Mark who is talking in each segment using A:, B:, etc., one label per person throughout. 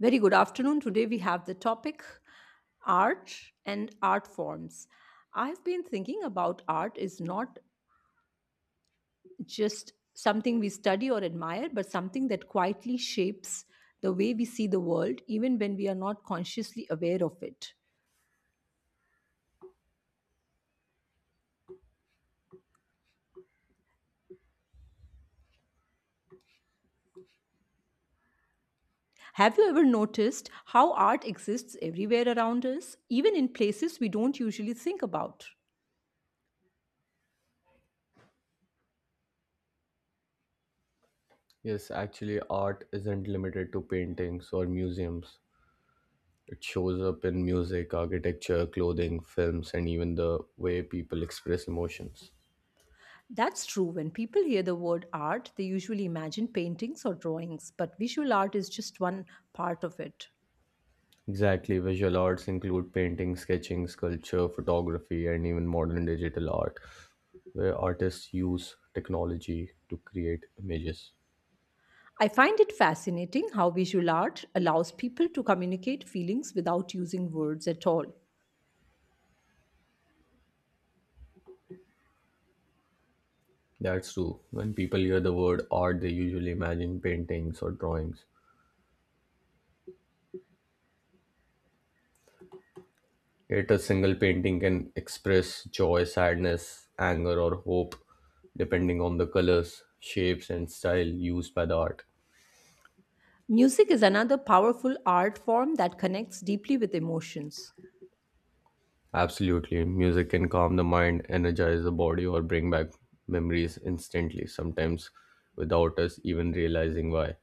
A: Very good afternoon. Today we have the topic art and art forms. I've been thinking about art is not just something we study or admire, but something that quietly shapes the way we see the world, even when we are not consciously aware of it. Have you ever noticed how art exists everywhere around us, even in places we don't usually think about?
B: Yes, actually, art isn't limited to paintings or museums. It shows up in music, architecture, clothing, films, and even the way people express emotions.
A: That's true. When people hear the word art, they usually imagine paintings or drawings, but visual art is just one part of it.
B: Exactly, visual arts include painting, sketching, sculpture, photography, and even modern digital art, where artists use technology to create images.
A: I find it fascinating how visual art allows people to communicate feelings without using words at all.
B: That's true. When people hear the word art, they usually imagine paintings or drawings. Yet a single painting can express joy, sadness, anger, or hope, depending on the colors, shapes, and style used by the art.
A: Music is another powerful art form that connects deeply with emotions.
B: Absolutely, music can calm the mind, energize the body, or bring back memories instantly, sometimes without us even realizing why.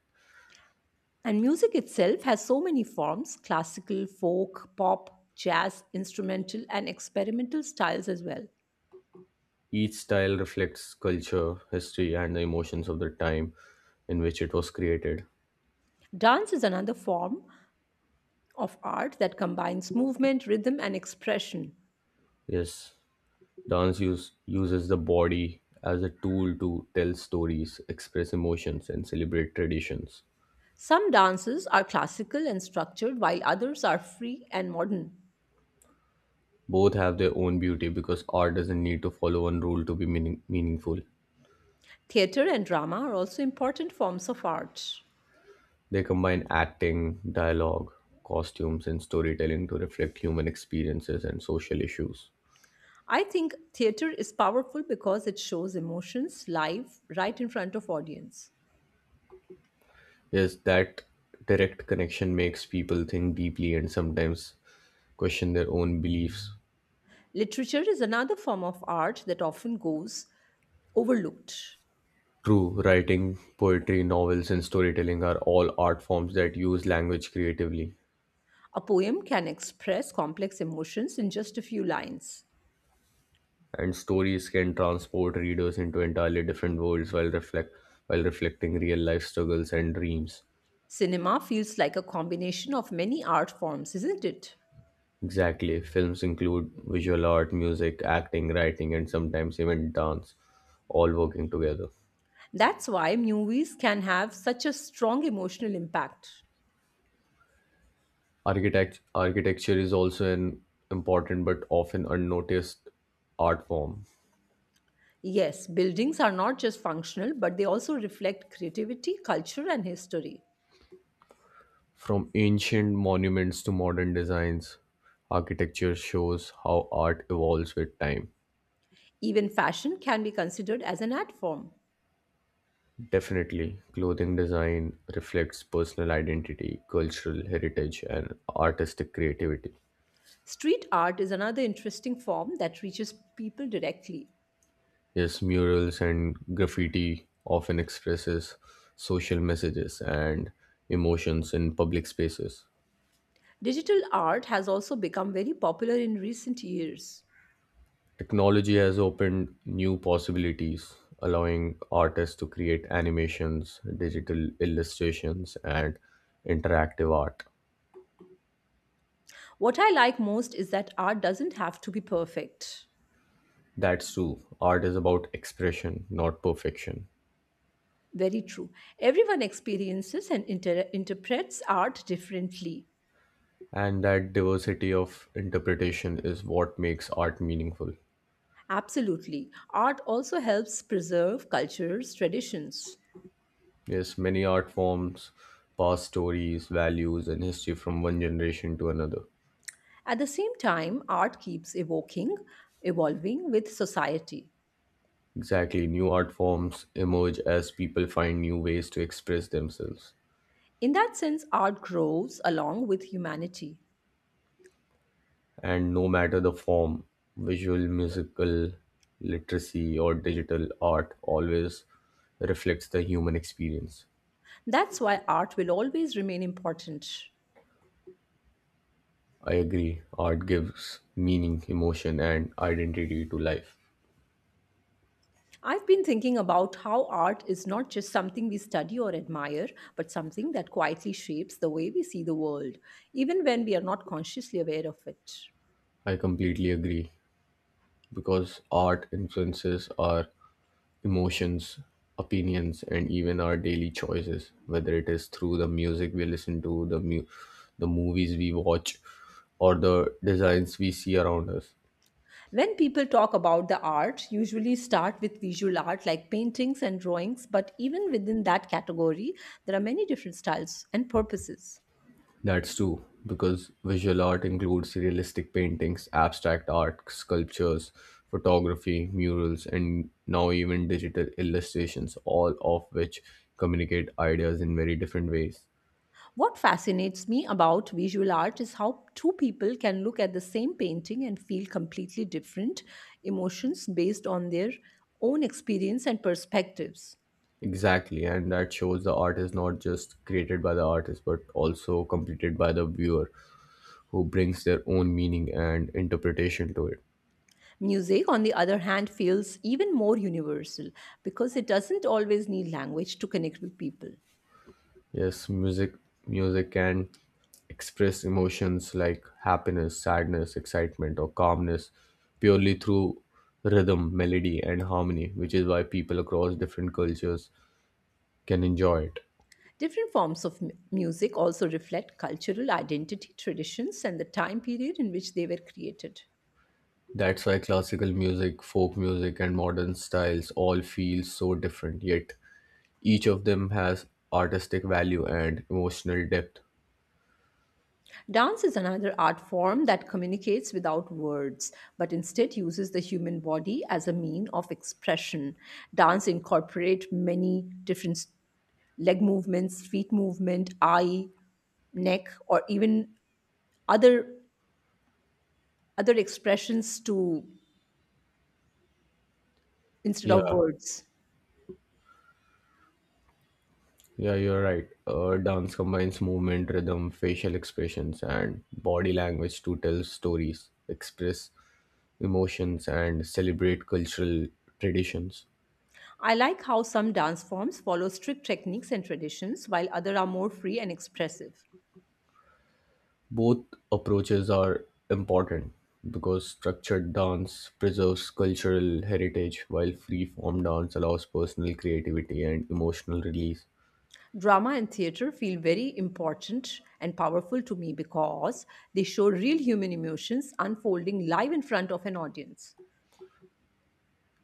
A: And music itself has so many forms classical, folk, pop, jazz, instrumental, and experimental styles as well.
B: Each style reflects culture, history, and the emotions of the time in which it was created.
A: Dance is another form of art that combines movement, rhythm, and expression.
B: Yes, Dance uses the body as a tool to tell stories, express emotions, and celebrate traditions.
A: Some dances are classical and structured, while others are free and modern.
B: Both have their own beauty because art doesn't need to follow one rule to be meaningful.
A: Theater and drama are also important forms of art.
B: They combine acting, dialogue, costumes, and storytelling to reflect human experiences and social issues.
A: I think theater is powerful because it shows emotions live right in front of audience.
B: Yes, that direct connection makes people think deeply and sometimes question their own beliefs.
A: Literature is another form of art that often goes overlooked.
B: True, writing, poetry, novels, and storytelling are all art forms that use language creatively,
A: A poem can express complex emotions in just a few lines.
B: and stories can transport readers into entirely different worlds while reflecting real life struggles and dreams.
A: Cinema feels like a combination of many art forms, isn't it?
B: Exactly. Films include visual art, music, acting, writing, and sometimes even dance, all working together.
A: That's why movies can have such a strong emotional impact.
B: Architecture is also an important but often unnoticed art form.
A: Yes, buildings are not just functional, but they also reflect creativity, culture, and history.
B: From ancient monuments to modern designs, architecture shows how art evolves with time.
A: Even fashion can be considered as an art form.
B: Definitely, clothing design reflects personal identity, cultural heritage, and artistic creativity.
A: Street art is another interesting form that reaches people directly.
B: Yes, murals and graffiti often expresses social messages and emotions in public spaces.
A: Digital art has also become very popular in recent years.
B: Technology has opened new possibilities, allowing artists to create animations, digital illustrations, and interactive art.
A: What I like most is that art doesn't have to be perfect.
B: That's true. Art is about expression, not perfection.
A: Very true. Everyone experiences and interprets art differently.
B: And that diversity of interpretation is what makes art meaningful.
A: Absolutely. Art also helps preserve cultures, traditions.
B: Yes, many art forms pass stories, values, and history from one generation to another.
A: At the same time, art keeps evolving with society.
B: Exactly, new art forms emerge as people find new ways to express themselves.
A: In that sense, art grows along with humanity.
B: And no matter the form, visual, musical, literacy, or digital art always reflects the human experience.
A: That's why art will always remain important.
B: I agree, art gives meaning, emotion, and identity to life.
A: I've been thinking about how art is not just something we study or admire, but something that quietly shapes the way we see the world, even when we are not consciously aware of it.
B: I completely agree because art influences our emotions, opinions, and even our daily choices, whether it is through the music we listen to, the movies we watch, or the designs we see around us.
A: When people talk about the art, usually start with visual art like paintings and drawings, but even within that category, there are many different styles and purposes.
B: That's true, because visual art includes realistic paintings, abstract art, sculptures, photography, murals, and now even digital illustrations, all of which communicate ideas in very different ways.
A: What fascinates me about visual art is how two people can look at the same painting and feel completely different emotions based on their own experience and perspectives.
B: Exactly, and that shows the art is not just created by the artist but also completed by the viewer who brings their own meaning and interpretation to it.
A: Music, on the other hand, feels even more universal because it doesn't always need language to connect with people.
B: Yes, music can express emotions like happiness, sadness, excitement or calmness purely through rhythm, melody and harmony, which is why people across different cultures can enjoy it.
A: Different forms of music also reflect cultural identity, traditions, and the time period in which they were created.
B: That's why classical music, folk music and modern styles all feel so different, yet each of them has artistic value and emotional depth.
A: Dance is another art form that communicates without words, but instead uses the human body as a mean of expression. Dance incorporate many different leg movements, feet movement, eye, neck, or even other other expressions to instead of
B: Yeah,
A: words.
B: Yeah, you're right. Dance combines movement, rhythm, facial expressions, and body language to tell stories, express emotions, and celebrate cultural traditions.
A: I like how some dance forms follow strict techniques and traditions, while other are more free and expressive.
B: Both approaches are important because structured dance preserves cultural heritage, while free form dance allows personal creativity and emotional release.
A: Drama and theater feel very important and powerful to me because they show real human emotions unfolding live in front of an audience.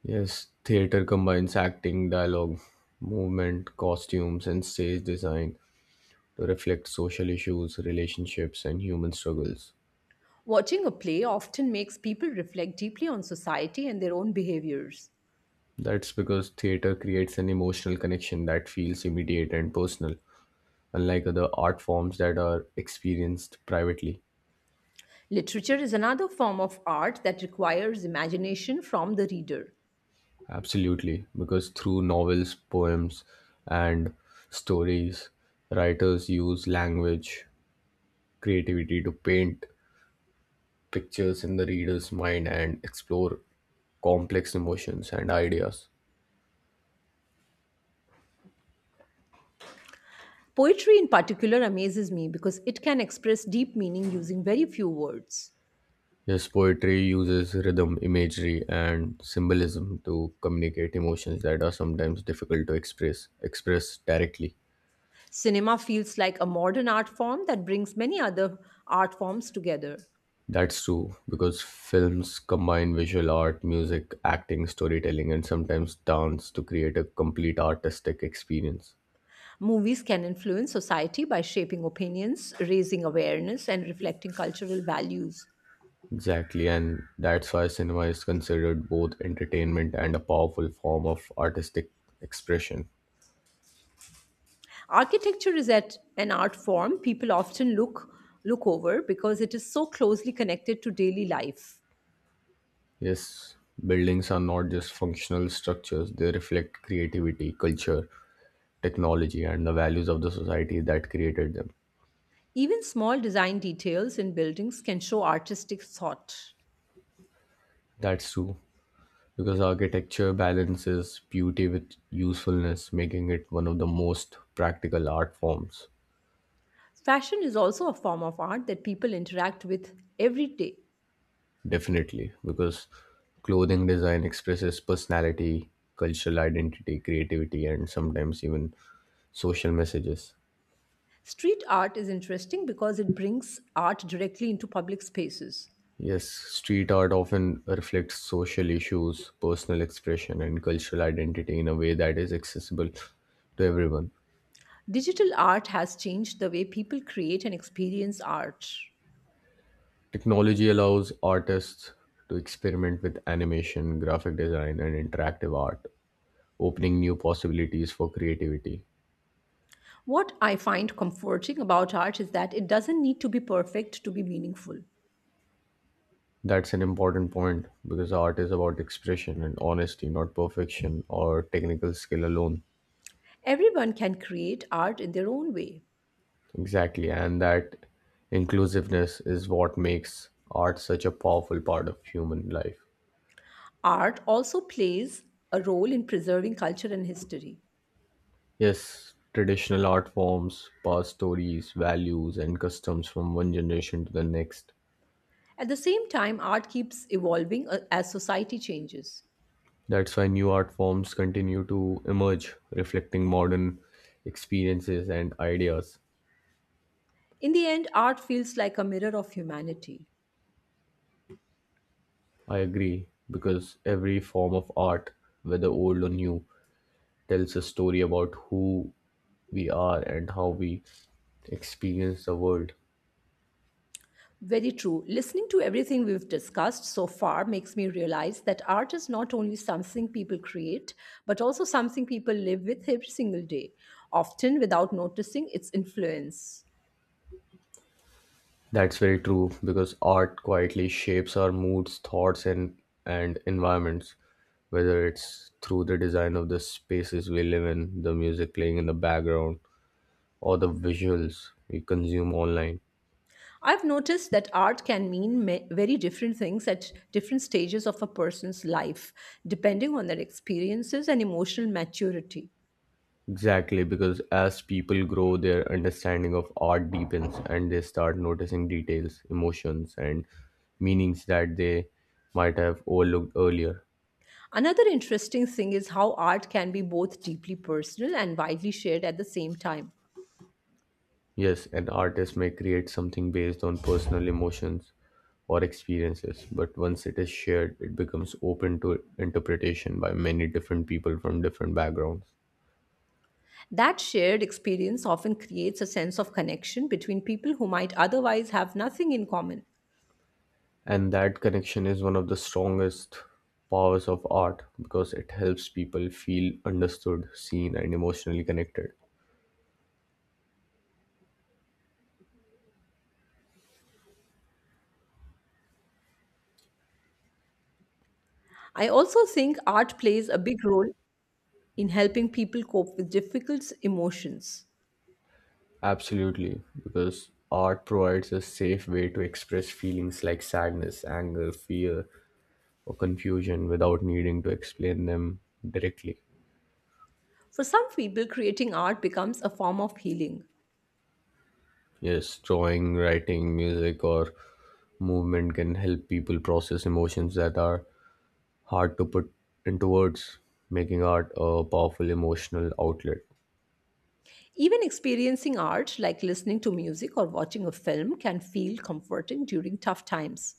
B: Yes, theater combines acting, dialogue, movement, costumes, and stage design to reflect social issues, relationships, and human struggles.
A: Watching a play often makes people reflect deeply on society and their own behaviors.
B: That's because theater creates an emotional connection that feels immediate and personal, unlike other art forms that are experienced privately.
A: Literature is another form of art that requires imagination from the reader.
B: Absolutely, because through novels, poems, and stories, writers use language, creativity to paint pictures in the reader's mind and explore complex emotions and ideas.
A: Poetry, in particular, amazes me because it can express deep meaning using very few words.
B: Yes, poetry uses rhythm, imagery, and symbolism to communicate emotions that are sometimes difficult to express directly.
A: Cinema feels like a modern art form that brings many other art forms together.
B: That's true because films combine visual art, music, acting, storytelling, and sometimes dance to create a complete artistic experience.
A: Movies can influence society by shaping opinions, raising awareness, and reflecting cultural values.
B: Exactly, and that's why cinema is considered both entertainment and a powerful form of artistic expression.
A: Architecture is at an art form people often look over because it is so closely connected to daily life.
B: Yes, buildings are not just functional structures, they reflect creativity, culture, technology and the values of the society that created them.
A: Even small design details in buildings can show artistic thought.
B: That's true, because architecture balances beauty with usefulness, making it one of the most practical art forms.
A: Fashion is also a form of art that people interact with every day.
B: Definitely, because clothing design expresses personality, cultural identity, creativity, and sometimes even social messages.
A: Street art is interesting because it brings art directly into public spaces.
B: Yes, street art often reflects social issues, personal expression, and cultural identity in a way that is accessible to everyone.
A: Digital art has changed the way people create and experience art.
B: Technology allows artists to experiment with animation, graphic design, and interactive art, opening new possibilities for creativity.
A: What I find comforting about art is that it doesn't need to be perfect to be meaningful.
B: That's an important point because art is about expression and honesty, not perfection or technical skill alone.
A: Everyone can create art in their own way.
B: Exactly, and that inclusiveness is what makes art such a powerful part of human life.
A: Art also plays a role in preserving culture and history.
B: Yes, traditional art forms pass stories, values, and customs from one generation to the next.
A: At the same time, art keeps evolving as society changes.
B: That's why new art forms continue to emerge, reflecting modern experiences and ideas.
A: In the end, art feels like a mirror of humanity.
B: I agree, because every form of art, whether old or new, tells a story about who we are and how we experience the world.
A: Very true. Listening to everything we've discussed so far makes me realize that art is not only something people create, but also something people live with every single day, often without noticing its influence.
B: That's very true, because art quietly shapes our moods, thoughts, and environments, whether it's through the design of the spaces we live in, the music playing in the background, or the visuals we consume online.
A: I've noticed that art can mean very different things at different stages of a person's life, depending on their experiences and emotional maturity.
B: Exactly, because as people grow, their understanding of art deepens and they start noticing details, emotions, and meanings that they might have overlooked earlier.
A: Another interesting thing is how art can be both deeply personal and widely shared at the same time.
B: Yes, an artist may create something based on personal emotions or experiences, but once it is shared, it becomes open to interpretation by many different people from different backgrounds.
A: That shared experience often creates a sense of connection between people who might otherwise have nothing in common.
B: And that connection is one of the strongest powers of art because it helps people feel understood, seen and emotionally connected.
A: I also think art plays a big role in helping people cope with difficult emotions.
B: Absolutely, because art provides a safe way to express feelings like sadness, anger, fear or confusion without needing to explain them directly.
A: For some people, creating art becomes a form of healing.
B: Yes, drawing, writing, music or movement can help people process emotions that are hard to put into words, making art a powerful emotional outlet.
A: Even experiencing art, like listening to music or watching a film, can feel comforting during tough times.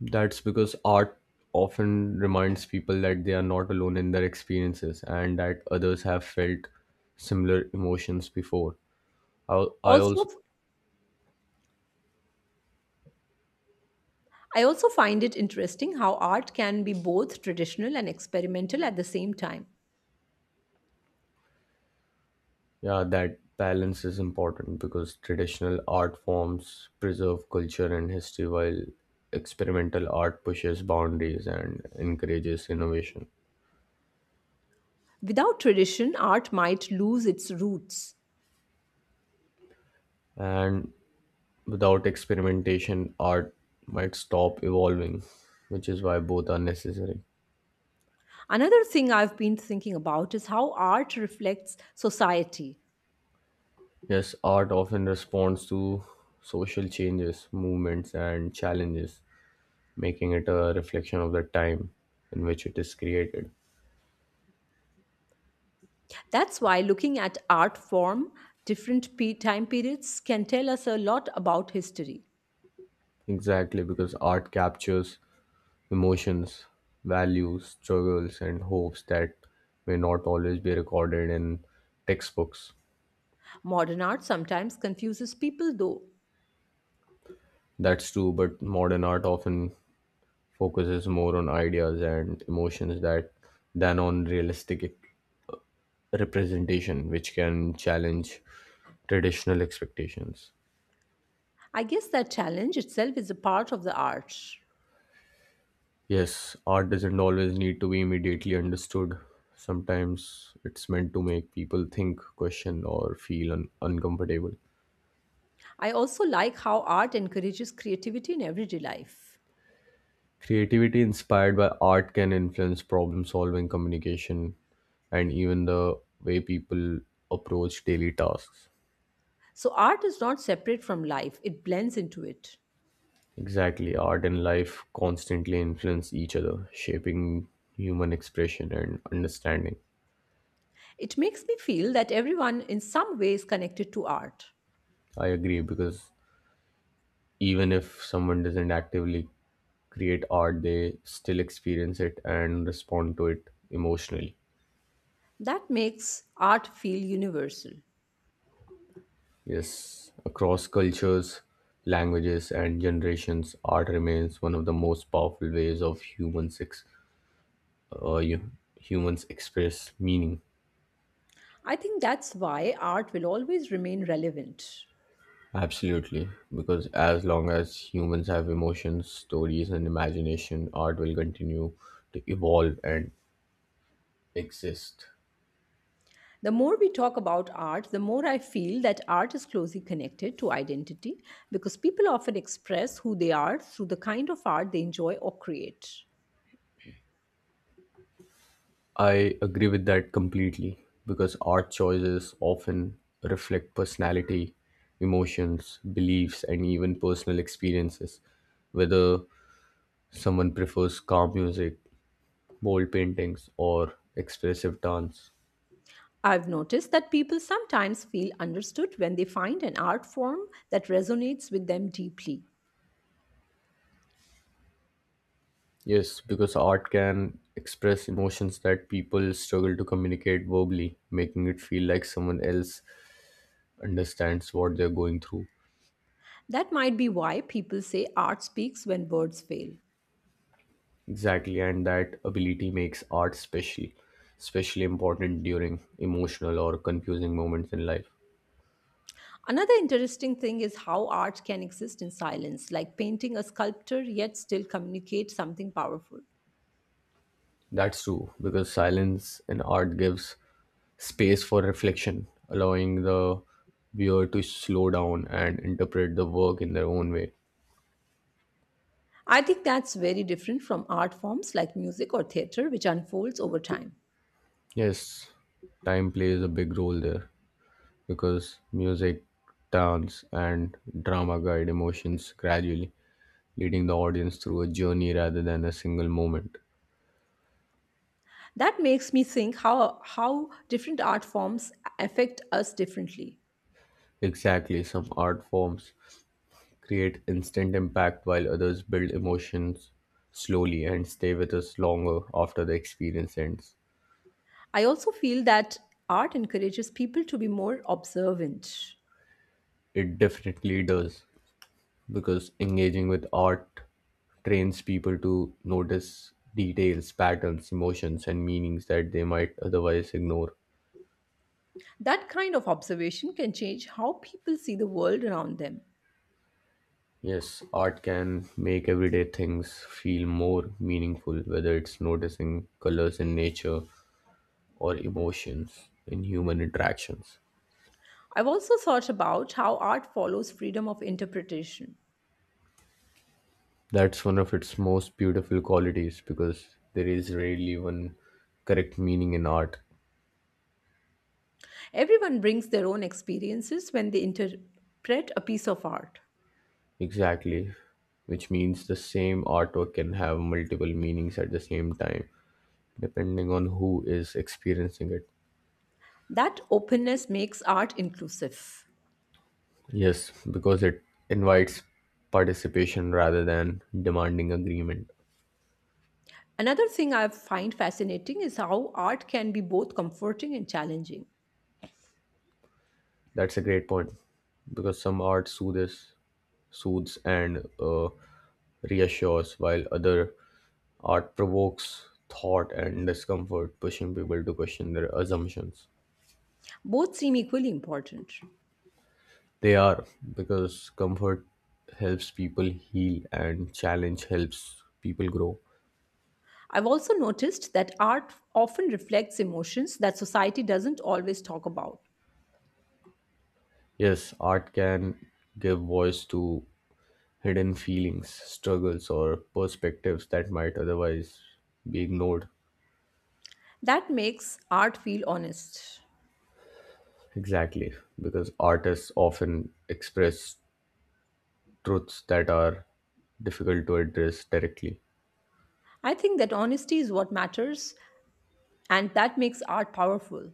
B: That's because art often reminds people that they are not alone in their experiences and that others have felt similar emotions before. I, I
A: Also,
B: also,
A: I also find it interesting how art can be both traditional and experimental at the same time.
B: yeah, that balance is important because traditional art forms preserve culture and history while experimental art pushes boundaries and encourages innovation.
A: Without tradition, art might lose its roots.
B: And without experimentation, art might stop evolving, which is why both are necessary.
A: Another thing I've been thinking about is how art reflects society.
B: Yes, art often responds to social changes, movements, and challenges, making it a reflection of the time in which it is created.
A: That's why looking at art form, different time periods can tell us a lot about history.
B: Exactly, because art captures emotions, values, struggles, and hopes that may not always be recorded in textbooks.
A: Modern art sometimes confuses people, though.
B: That's true, but modern art often focuses more on ideas and emotions that than on realistic representation which can challenge traditional expectations.
A: I guess that challenge itself is a part of the art.
B: Yes, art doesn't always need to be immediately understood. Sometimes it's meant to make people think, question, or feel uncomfortable.
A: I also like how art encourages creativity in everyday life.
B: Creativity inspired by art can influence problem solving, communication, and even the way people approach daily tasks.
A: So, art is not separate from life, it blends into it.
B: Exactly, art and life constantly influence each other, shaping human expression and understanding.
A: It makes me feel that everyone in some way is connected to art.
B: I agree because even if someone doesn't actively create art, they still experience it and respond to it emotionally.
A: That makes art feel universal.
B: Yes, across cultures, languages, and generations, art remains one of the most powerful ways of uh, you- humans express meaning.
A: I think that's why art will always remain relevant.
B: Absolutely, because as long as humans have emotions, stories, and imagination, art will continue to evolve and exist.
A: The more we talk about art, the more I feel that art is closely connected to identity because people often express who they are through the kind of art they enjoy or create.
B: I agree with that completely because art choices often reflect personality, emotions, beliefs, and even personal experiences. Whether someone prefers calm music, bold paintings, or expressive dance.
A: I've noticed that people sometimes feel understood when they find an art form that resonates with them deeply.
B: Yes, because art can express emotions that people struggle to communicate verbally, making it feel like someone else understands what they're going through.
A: That might be why people say art speaks when words fail.
B: Exactly, and that ability makes art special, especially important during emotional or confusing moments in life.
A: Another interesting thing is how art can exist in silence, like painting a sculpture yet still communicate something powerful.
B: That's true, because silence in art gives space for reflection, allowing the viewer to slow down and interpret the work in their own way.
A: I think that's very different from art forms like music or theater, which unfolds over time.
B: Yes, time plays a big role there because music, dance, and drama guide emotions gradually, leading the audience through a journey rather than a single moment.
A: That makes me think how different art forms affect us differently.
B: Exactly, some art forms create instant impact while others build emotions slowly and stay with us longer after the experience ends.
A: I also feel that art encourages people to be more observant.
B: It definitely does because engaging with art trains people to notice details, patterns, emotions, and meanings that they might otherwise ignore.
A: That kind of observation can change how people see the world around them.
B: Yes, art can make everyday things feel more meaningful, whether it's noticing colors in nature or emotions in human interactions.
A: I've also thought about how art follows freedom of interpretation.
B: That's one of its most beautiful qualities because there is rarely one correct meaning in art.
A: Everyone brings their own experiences when they interpret a piece of art.
B: Exactly, which means the same artwork can have multiple meanings at the same time, depending on who is experiencing it.
A: That openness makes art inclusive.
B: Yes, because it invites participation rather than demanding agreement.
A: Another thing I find fascinating is how art can be both comforting and challenging.
B: That's a great point because some art soothes and reassures, while other art provokes thought and discomfort, pushing people to question their assumptions.
A: Both seem equally important.
B: They are because comfort helps people heal and challenge helps people grow.
A: I've also noticed that art often reflects emotions that society doesn't always talk about.
B: Yes, art can give voice to hidden feelings, struggles, or perspectives that might otherwise be ignored.
A: That makes art feel honest.
B: Exactly, because artists often express truths that are difficult to address directly.
A: I think that honesty is what matters, and that makes art powerful.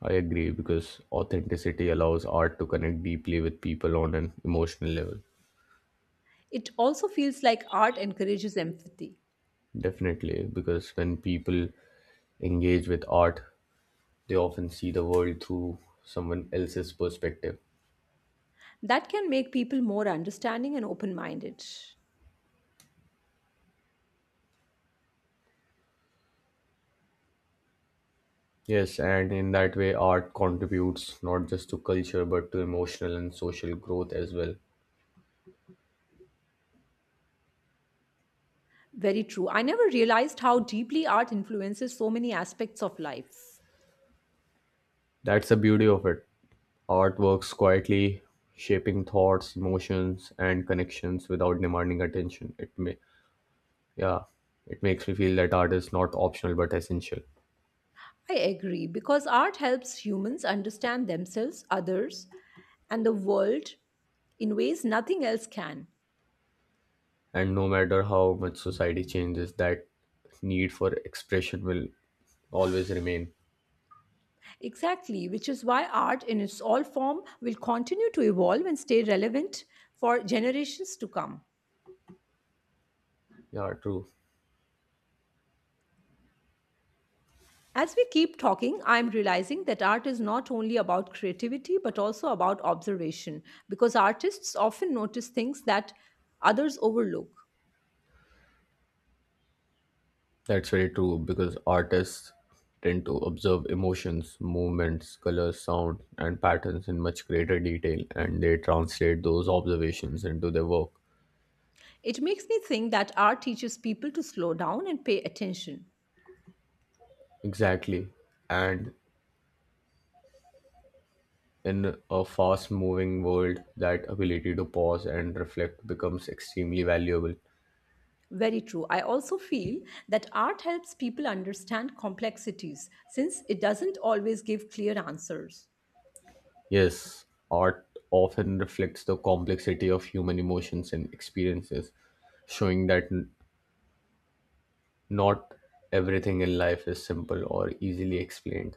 B: I agree because authenticity allows art to connect deeply with people on an emotional level.
A: It also feels like art encourages empathy.
B: Definitely, because when people engage with art, they often see the world through someone else's perspective.
A: That can make people more understanding and open minded.
B: Yes, and in that way, art contributes not just to culture but to emotional and social growth as well.
A: Very true. I never realized how deeply art influences so many aspects of life.
B: That's the beauty of it. Art works quietly, shaping thoughts, emotions, and connections without demanding attention. Yeah, it makes me feel that art is not optional but essential.
A: I agree, because art helps humans understand themselves, others, and the world in ways nothing else can.
B: And no matter how much society changes, that need for expression will always remain.
A: Exactly, which is why art in its all form will continue to evolve and stay relevant for generations to come.
B: Yeah, true.
A: As we keep talking, I'm realizing that art is not only about creativity but also about observation because artists often notice things that others overlook.
B: That's very true because artists tend to observe emotions, movements, colors, sound, and patterns in much greater detail and they translate those observations into their work.
A: It makes me think that art teaches people to slow down and pay attention.
B: Exactly. And in a fast moving world, that ability to pause and reflect becomes extremely valuable.
A: Very true. I also feel that art helps people understand complexities since it doesn't always give clear answers.
B: Yes, art often reflects the complexity of human emotions and experiences, showing that not everything in life is simple or easily explained.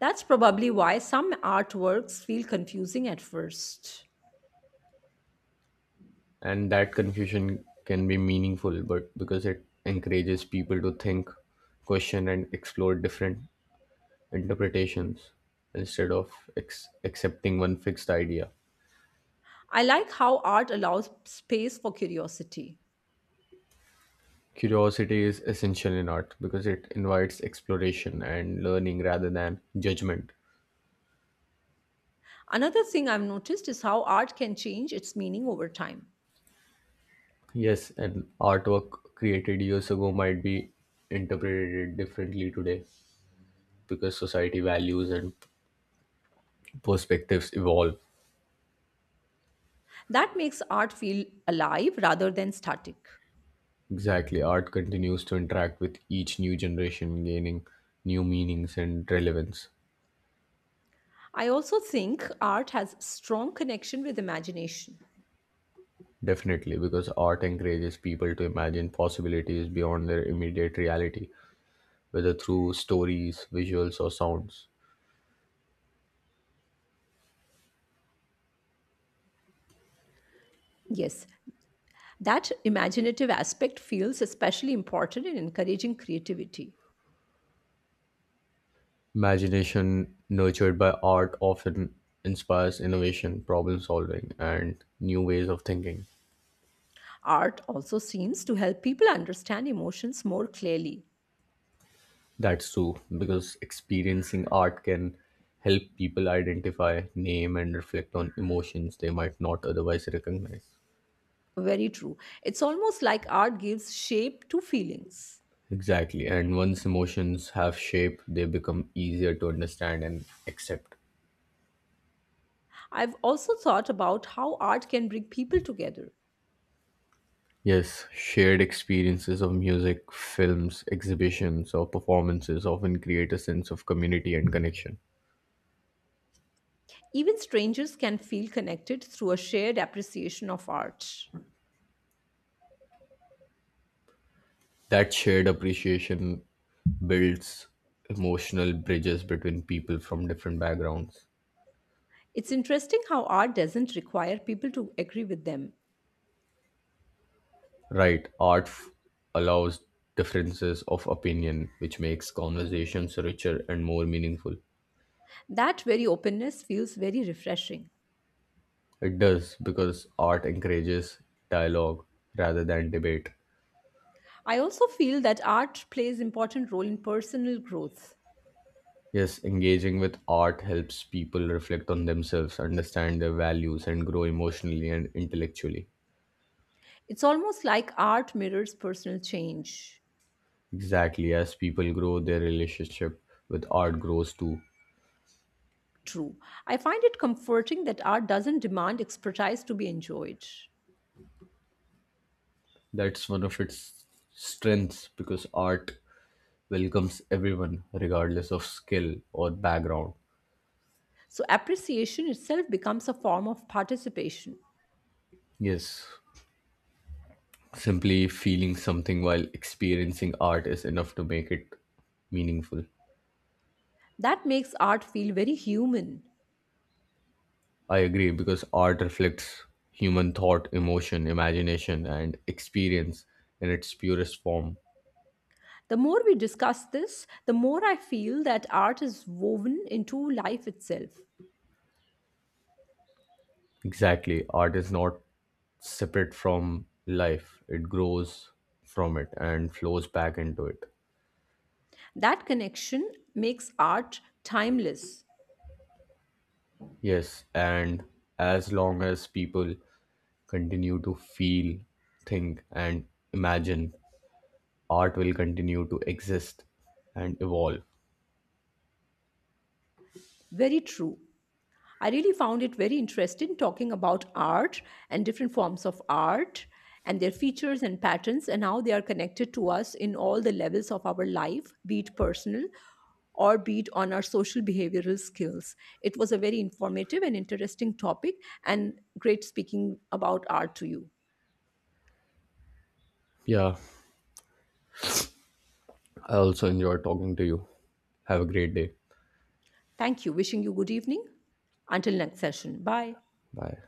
A: That's probably why some artworks feel confusing at first.
B: And that confusion can be meaningful, but because it encourages people to think, question, and explore different interpretations instead of accepting one fixed idea.
A: I like how art allows space for curiosity.
B: Curiosity is essential in art because it invites exploration and learning rather than judgment.
A: Another thing I've noticed is how art can change its meaning over time.
B: Yes, and artwork created years ago might be interpreted differently today because society values and perspectives evolve.
A: That makes art feel alive rather than static.
B: Exactly, art continues to interact with each new generation, gaining new meanings and relevance.
A: I also think art has strong connection with imagination.
B: Definitely, because art encourages people to imagine possibilities beyond their immediate reality, whether through stories, visuals, or sounds.
A: Yes, that imaginative aspect feels especially important in encouraging creativity.
B: Imagination nurtured by art often inspires innovation, problem solving, and new ways of thinking.
A: Art also seems to help people understand emotions more clearly.
B: That's true, because experiencing art can help people identify, name, and reflect on emotions they might not otherwise recognize.
A: Very true. It's almost like art gives shape to feelings.
B: Exactly, and once emotions have shape, they become easier to understand and accept.
A: I've also thought about how art can bring people together.
B: Yes, shared experiences of music, films, exhibitions, or performances often create a sense of community and connection.
A: Even strangers can feel connected through a shared appreciation of art.
B: That shared appreciation builds emotional bridges between people from different backgrounds.
A: It's interesting how art doesn't require people to agree with them.
B: Right, allows differences of opinion, which makes conversations richer and more meaningful.
A: That very openness feels very refreshing.
B: It does because art encourages dialogue rather than debate.
A: I also feel that art plays important role in personal growth.
B: Yes, engaging with art helps people reflect on themselves, understand their values, and grow emotionally and intellectually.
A: It's almost like art mirrors personal change.
B: Exactly, as people grow, their relationship with art grows too.
A: True. I find it comforting that art doesn't demand expertise to be enjoyed.
B: That's one of its strengths because art welcomes everyone, regardless of skill or background.
A: So appreciation itself becomes a form of participation.
B: Yes, simply feeling something while experiencing art is enough to make it meaningful.
A: That makes art feel very human.
B: I agree because art reflects human thought, emotion, imagination, and experience in its purest form.
A: The more we discuss this, the more I feel that art is woven into life itself.
B: Exactly, art is not separate from life, it grows from it and flows back into it.
A: That connection makes art timeless.
B: Yes, and as long as people continue to feel, think, and imagine, art will continue to exist and evolve.
A: Very true. I really found it very interesting talking about art and different forms of art and their features and patterns and how they are connected to us in all the levels of our life, be it personal or be it on our social behavioral skills. It was a very informative and interesting topic and great speaking about art to you.
B: Yeah, I also enjoy talking to you. Have a great day.
A: Thank you. Wishing you good evening. Until next session. Bye.
B: Bye.